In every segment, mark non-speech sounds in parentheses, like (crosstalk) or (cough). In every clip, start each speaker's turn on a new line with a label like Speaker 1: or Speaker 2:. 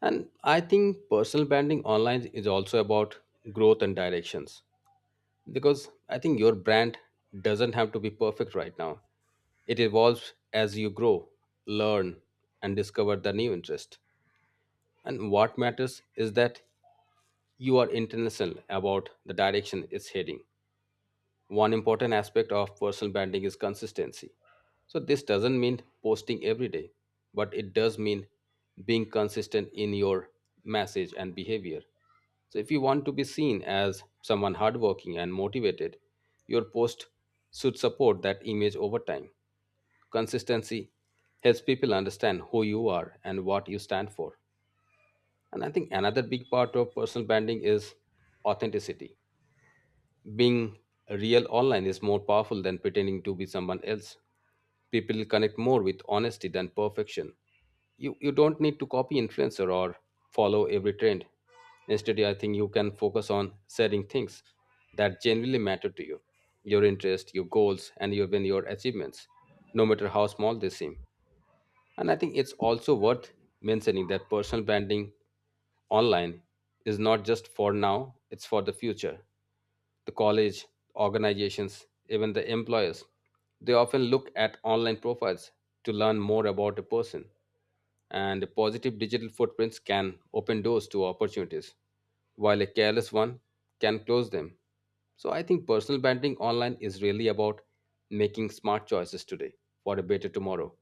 Speaker 1: And I think personal branding online is also about growth and directions because I think your brand doesn't have to be perfect right now. It evolves as you grow, learn, and discover the new interest. And what matters is that you are intentional about the direction it's heading. One important aspect of personal branding is consistency. So this doesn't mean posting every day, but it does mean being consistent in your message and behavior. So if you want to be seen as someone hardworking and motivated, your post should support that image over time. Consistency helps people understand who you are and what you stand for. And I think another big part of personal branding is authenticity, being real online is more powerful than pretending to be someone else. People connect more with honesty than perfection. You don't need to copy influencer or follow every trend. Instead, I think you can focus on sharing things that genuinely matter to you, your interests, your goals, and even your achievements, no matter how small they seem. And I think it's also worth mentioning that personal branding online is not just for now, it's for the future, the college, organizations, even the employers. They often look at online profiles to learn more about a person, and positive digital footprints can open doors to opportunities, while a careless one can close them. So I think personal branding online is really about making smart choices today for a better tomorrow.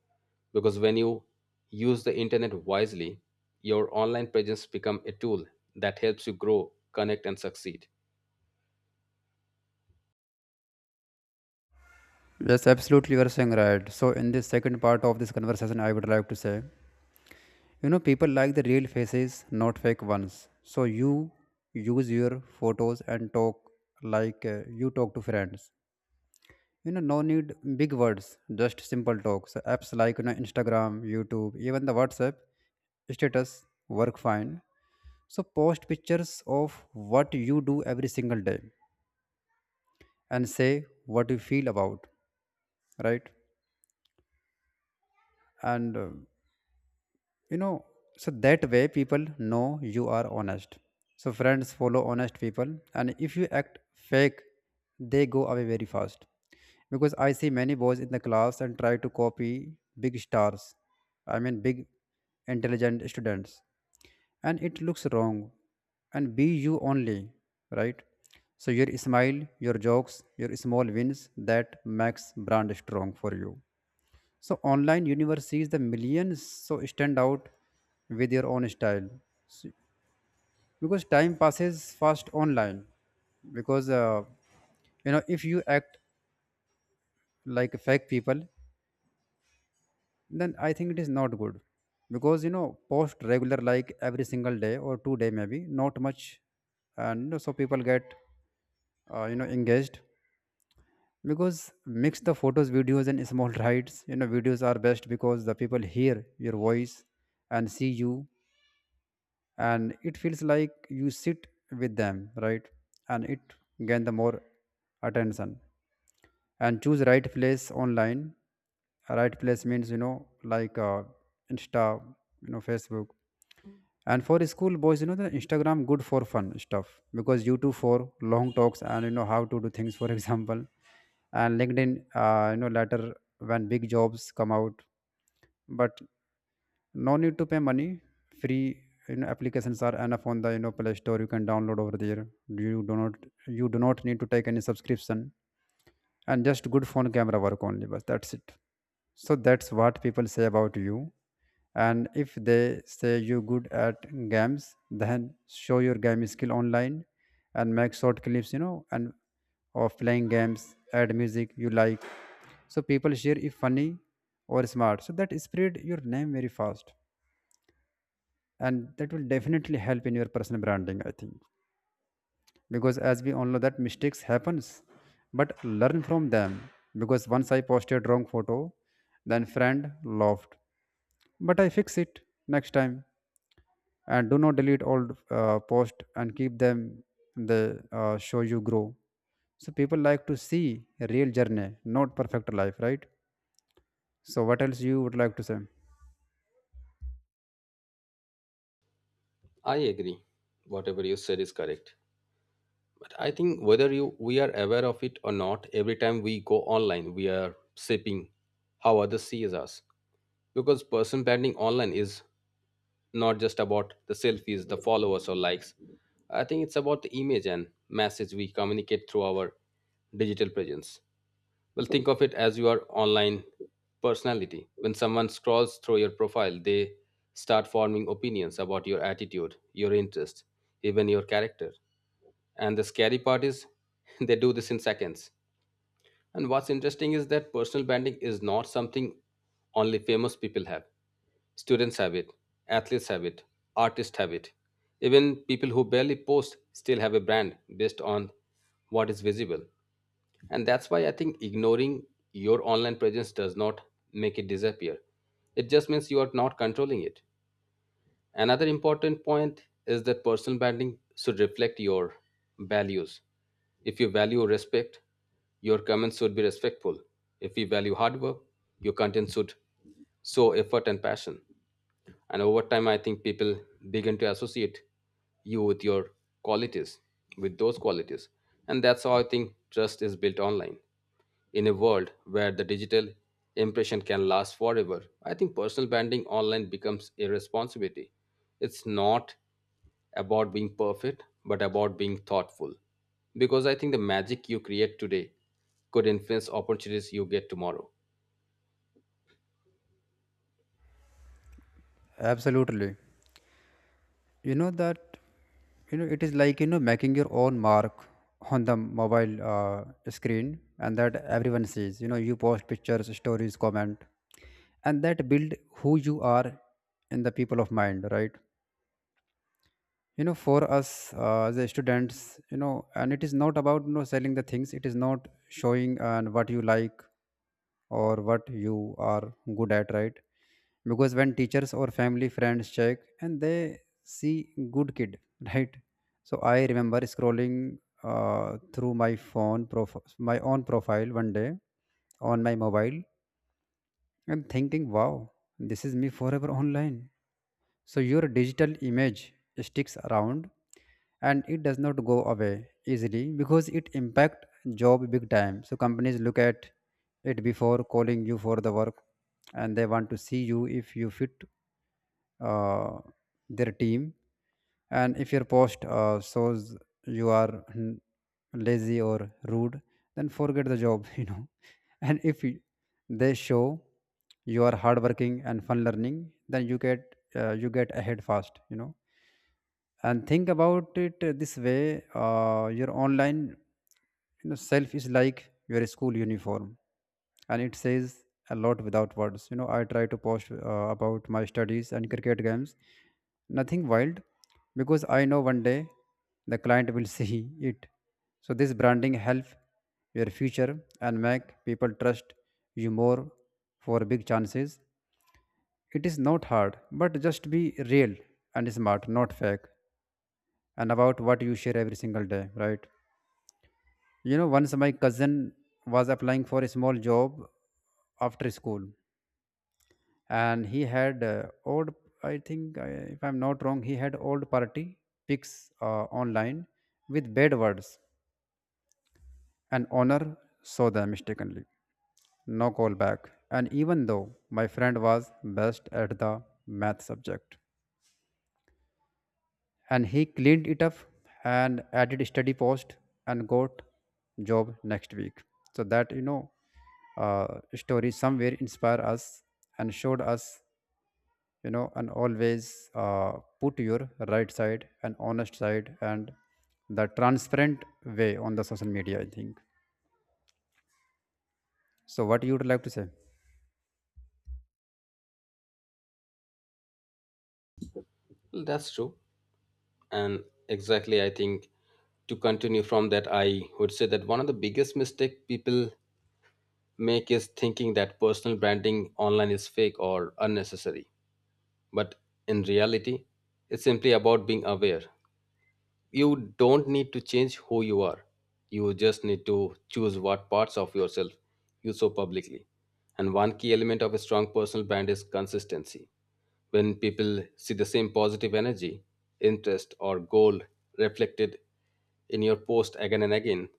Speaker 1: Because when you use the internet wisely, your online presence become a tool that helps you grow, connect and succeed.
Speaker 2: Yes, absolutely, you are saying right. So, in this second part of this conversation, I would like to say, people like the real faces, not fake ones. So, you use your photos and talk like you talk to friends. You know, no need big words, just simple talks. Apps like Instagram, YouTube, even the WhatsApp status work fine. So, post pictures of what you do every single day and say what you feel about, right? And you know so that way people know you are honest, so friends follow honest people, and if you act fake they go away very fast, because I see many boys in the class and try to copy big stars, I mean big intelligent students, and it looks wrong. And be you only, right? So your smile, your jokes, your small wins, that makes brand strong for you. So online universities, the millions, so stand out with their own style, because time passes fast online. Because if you act like fake people, then I think it is not good. Because post regular like every single day or two-day maybe not much, and you know, so people get engaged, because mix the photos, videos and small (laughs) rides, you know videos are best because the people hear your voice and see you, and it feels like you sit with them, right? And it gain the more attention. And choose right place online, right place means you know like insta, you know, facebook. And for school boys, you know the instagram good for fun stuff, because youtube for long talks and you know how to do things, for (laughs) example. And linkedin, you know, later when big jobs come out. But no need to pay money, free, you know, applications are enough on the you know play store, you can download over there, you do not, you do not need to take any subscription. And just good phone camera work only, but that's it. So that's what people say about you, and if they say you good at games, then show your game skill online, and make short clips, you know, and of playing games add music you like, so people share if funny or smart, so that spread your name very fast. And that will definitely help in your personal branding, I think. Because as we all know that mistakes happens, but learn from them. Because once I posted wrong photo then friend laughed, but I fix it next time. And do not delete old post and keep them, they show you grow. So people like to see a real journey, not perfect life, right? So what else you would like to say?
Speaker 1: I agree. Whatever you said is correct. But I think whether you we are aware of it or not, every time we go online, we are shaping how others see us. Because person branding online is not just about the selfies, the followers or likes. I think it's about the image and message we communicate through our digital presence. Well, think of it as your online personality. When someone scrolls through your profile, they start forming opinions about your attitude, your interest, even your character. And the scary part is (laughs) they do this in seconds. And what's interesting is that personal branding is not something only famous people have. Students have it, athletes have it, artists have it. Even people who barely post still have a brand based on what is visible. And that's why I think ignoring your online presence does not make it disappear. It just means you are not controlling it. Another important point is that personal branding should reflect your values. If you value respect, your comments should be respectful. If you value hard work, your content should show effort and passion. And over time, I think people begin to associate you with your qualities, with those qualities. And that's how I think trust is built online. In a world where the digital impression can last forever, I think personal branding online becomes a responsibility. It's not about being perfect, but about being thoughtful. Because I think the magic you create today could influence opportunities you get tomorrow.
Speaker 2: Absolutely. You know that, you know, it is like you know making your own mark on the mobile screen, and that everyone sees, you know, you post pictures, stories, comment, and that build who you are in the people of mind, right? You know, for us, as a students, you know, and it is not about you know selling the things, it is not showing and what you like, or what you are good at, right? Because when teachers or family friends check and they see good kid, (laughs) right. So I remember scrolling through my phone my own profile one day on my mobile, and thinking wow, this is me forever online. So your digital image sticks around and it does not go away easily, because it impact job big time. So companies look at it before calling you for the work, and they want to see you if you fit uh, their team. And if your post shows you are lazy or rude, then forget the job (laughs) you know. And if they show you are hardworking and fun learning, then you get ahead fast, you know. And think about it this way, your online, you know, self is like your school uniform, and it says a lot without words. You know I try to post about my studies and cricket games, nothing wild, because I know one day the client will (laughs) see it. So this branding help your future and make people trust you more for big chances. It is not hard, but just be real and smart, not fake, and about what you share every single day, right? You know, once my cousin was applying for a small job after school, and he had old, I think, if I'm not wrong, he had old party pics online with bad words, and honor saw them mistakenly. No call back. And even though my friend was best at the math subject, and he cleaned it up and added steady post and got job next week. So that you know story somewhere inspire us and showed us, you know, and always put your right side and honest side and the transparent way on the social media, I think. So what you would like to say?
Speaker 1: Well, that's true. And exactly, I think to continue from that, I would say that one of the biggest mistake people make is thinking that personal branding online is fake or unnecessary. But in reality, it's simply about being aware. You don't need to change who you are. You just need to choose what parts of yourself you show publicly. And one key element of a strong personal brand is consistency. When people see the same positive energy, interest, or goal reflected in your post again and again,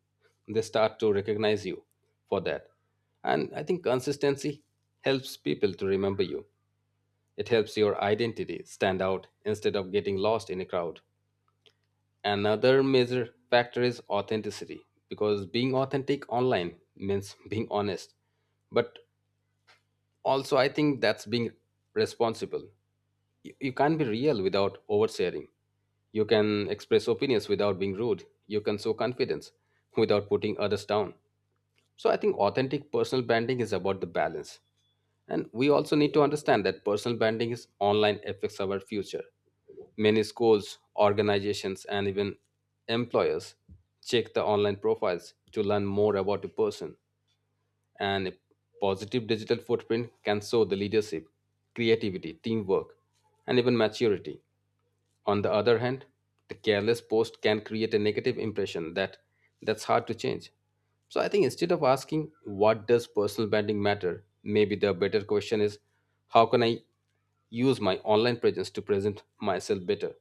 Speaker 1: they start to recognize you for that. And I think consistency helps people to remember you, it helps your identity stand out instead of getting lost in a crowd. Another major factor is authenticity because being authentic online means (laughs) being honest. But also, I think that's being responsible. You can't be real without oversharing. You can express opinions without being rude. You can show confidence without putting others down. So I think authentic personal branding is about the balance. And we also need to understand that personal branding is online affects our future. Many schools, organizations, and even employers check the online profiles to learn more about a person. And a positive digital footprint can show the leadership, creativity, teamwork, and even maturity. On the other hand, the careless post can create a negative impression that that's hard to change. So I think instead of asking what does personal branding matter, maybe the better question is how can I use my online presence to present myself better,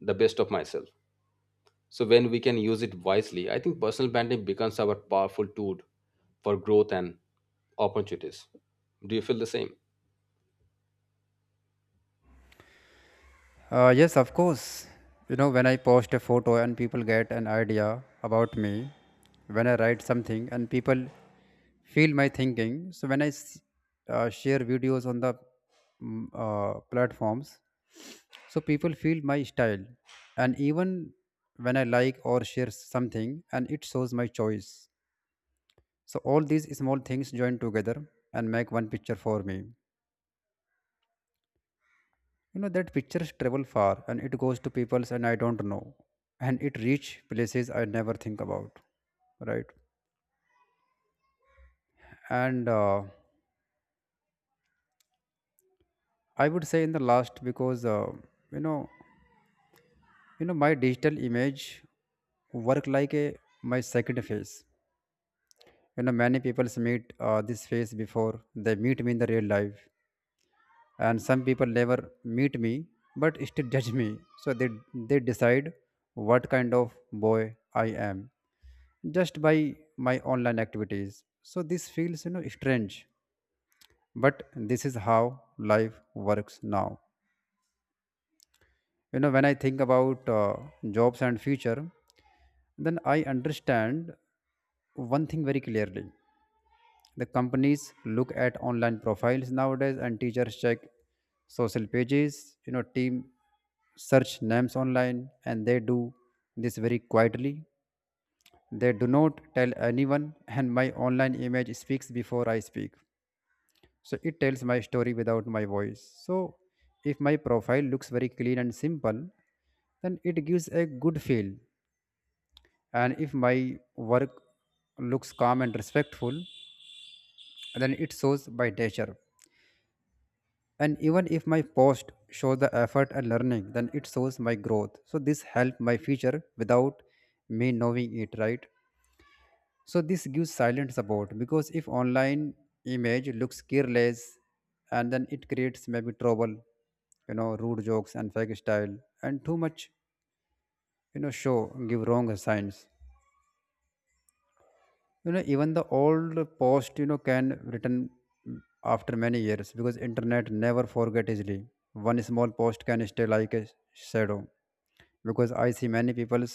Speaker 1: the best of myself. So when we can use it wisely, I think personal branding becomes our powerful tool for growth and opportunities. Do you feel the same?
Speaker 2: Yes, of course. You know when I post a photo and people get an idea about me, when I write something and people feel my thinking. So when I share videos on the platforms, so people feel my style, and even when I like or share something, and it shows my choice. So all these small things join together and make one picture for me. You know that pictures travel far, and it goes to peoples, and I don't know, and it reach places I never think about, right? And I would say in the last, because you know my digital image work like a my second face. You know many people meet this face before they meet me in the real life, and some people never meet me, but still judge me. So they decide what kind of boy I am, just by my online activities. So this feels you know strange, but this is how life works now. You know when I think about jobs and future, then I understand one thing very clearly: the companies look at online profiles nowadays, and teachers check social pages, you know team search names online, and they do this very quietly, they do not tell anyone. And my online image speaks before I speak, so it tells my story without my voice. So if my profile looks very clean and simple, then it gives a good feel. And if my work looks calm and respectful, then it shows my nature. And even if my post shows the effort and learning, then it shows my growth. So this helps my future without me knowing it, right? So this gives silent support, because if online image looks careless, and then it creates maybe trouble, you know, rude jokes and fake style and too much, you know, show give wrong signs. You know even the old post you know can return mm, after many years, because internet never forget easily. One small post can stay like a shadow, because I see many people's,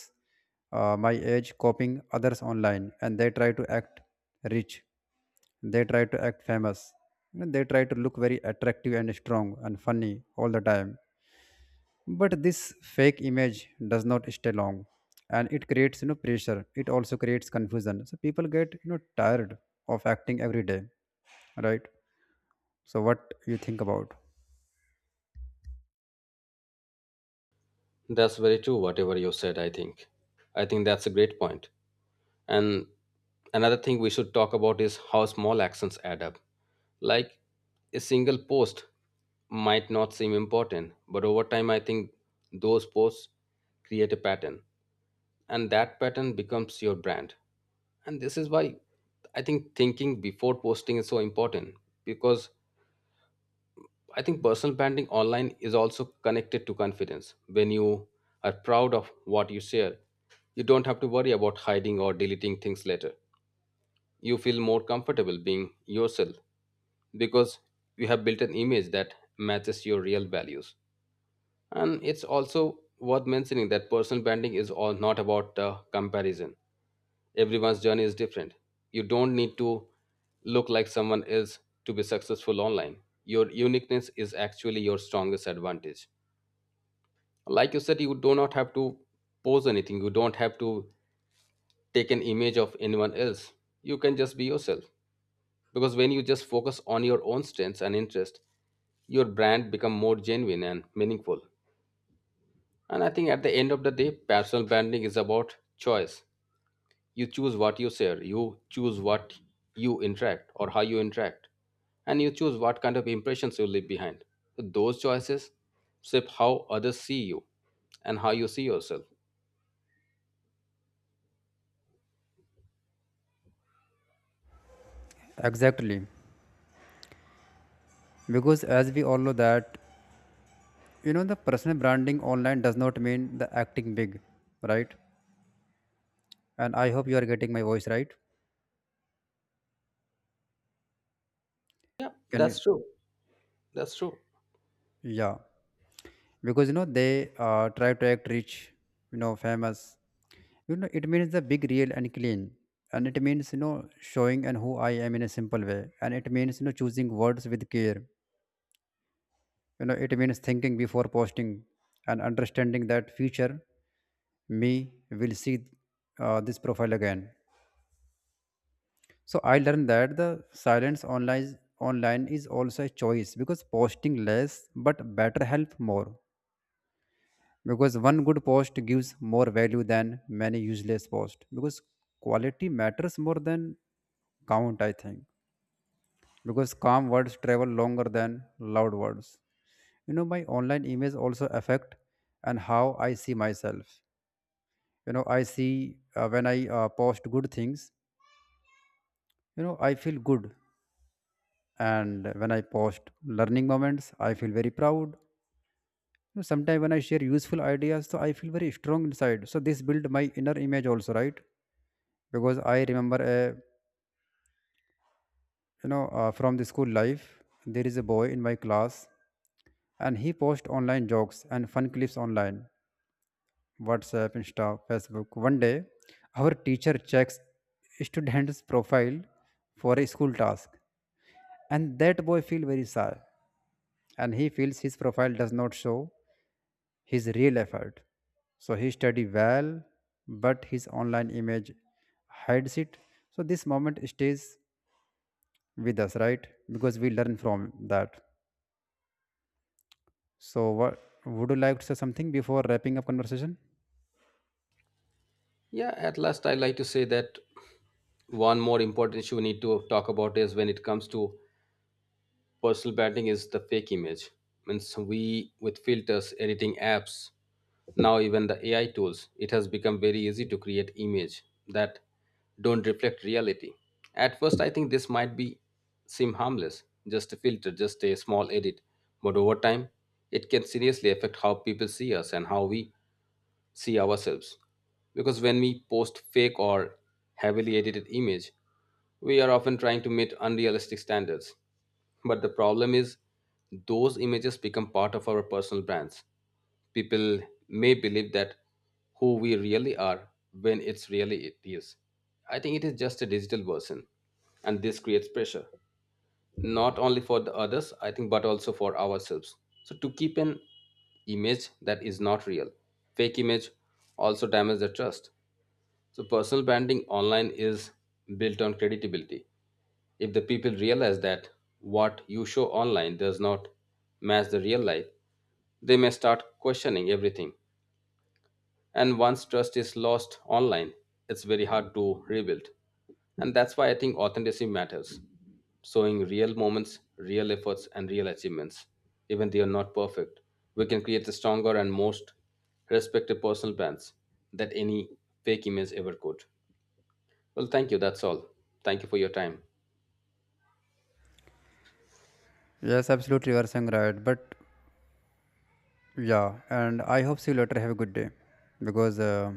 Speaker 2: my age, copying others online, and they try to act rich, they try to act famous, you know, they try to look very attractive and strong and funny all the time. But this fake image does not stay long, and it creates you know pressure, it also creates confusion, so people get you know tired of acting every day, right? So what you think about?
Speaker 1: That's very true, whatever you said, I think. I think that's a great point. And another thing we should talk about is how small actions add up. Like a single post might not seem important, but over time, I think those posts create a pattern, and that pattern becomes your brand. And this is why I think thinking before posting is so important because I think personal branding online is also connected to confidence. When you are proud of what you share, you don't have to worry about hiding or deleting things later. You feel more comfortable being yourself because you have built an image that matches your real values. And it's also worth mentioning that personal branding is all not about comparison. Everyone's journey is different. You don't need to look like someone else to be successful online. Your uniqueness is actually your strongest advantage. Like you said, you do not have to pose anything, you don't have to take an image of anyone else. You can just be yourself. Because when you just focus on your own strengths and interest, your brand become more genuine and meaningful. And I think at the end of the day personal branding is about choice. You choose what you share, you choose what you interact or how you interact, and you choose what kind of impressions you leave behind. So those choices shape how others see you and how you see yourself.
Speaker 2: Exactly. Because as we all know that, you know, the personal branding online does not mean the acting big, right? And I hope you are getting my voice right.
Speaker 1: Yeah, that's
Speaker 2: Can.
Speaker 1: true. That's true.
Speaker 2: Yeah. Because you know they try to act rich, you know, famous. You know it means the big real and clean, and it means you know showing and who I am in a simple way, and it means you know choosing words with care, you know it means thinking before posting and understanding that future me will see this profile again. So I learned that the silence online online is also a choice, because posting less but better help more, because one good post gives more value than many useless posts, because quality matters more than count, I think. Because calm words travel longer than loud words. You know my online image also affect and how I see myself. You know I see when i post good things, you know I feel good. And when I post learning moments, I feel very proud. You know, sometimes when I share useful ideas, so I feel very strong inside, so this build my inner image also, right? Because I remember a, you know, from the school life, there is a boy in my class, and he posts online jokes and fun clips online, WhatsApp, Insta, Facebook. One day our teacher checks student's profile for a school task, and that boy feels very sad, and he feels his profile does not show his real effort. So he study well, but his online image hides it. So this moment stays with us, right? Because we learn from that. So, what would you like to say something before wrapping up conversation?
Speaker 1: Yeah, at last I like to say that one more important issue we need to talk about is when it comes to personal branding is the fake image, means we with filters, editing apps, now even the AI tools, it has become very easy to create image that don't reflect reality. At first I think this might be seem harmless, just a filter, just a small edit, but over time it can seriously affect how people see us and how we see ourselves. Because when we post fake or heavily edited image, we are often trying to meet unrealistic standards. But the problem is those images become part of our personal brands. People may believe that who we really are when it's really it is. I think it is just a digital version, and this creates pressure not only for the others I think but also for ourselves. So to keep an image that is not real, fake image, also damages the trust. So personal branding online is built on credibility. If the people realize that what you show online does not match the real life, they may start questioning everything, and once trust is lost online it's very hard to rebuild. And that's why I think authenticity matters. Showing real moments, real efforts and real achievements, even they are not perfect, we can create the stronger and most respected personal brands that any fake image ever could. Well, thank you, that's all. Thank you for your time.
Speaker 2: Yes, absolutely, you are saying right. But yeah, and I hope see you later. Have a good day, because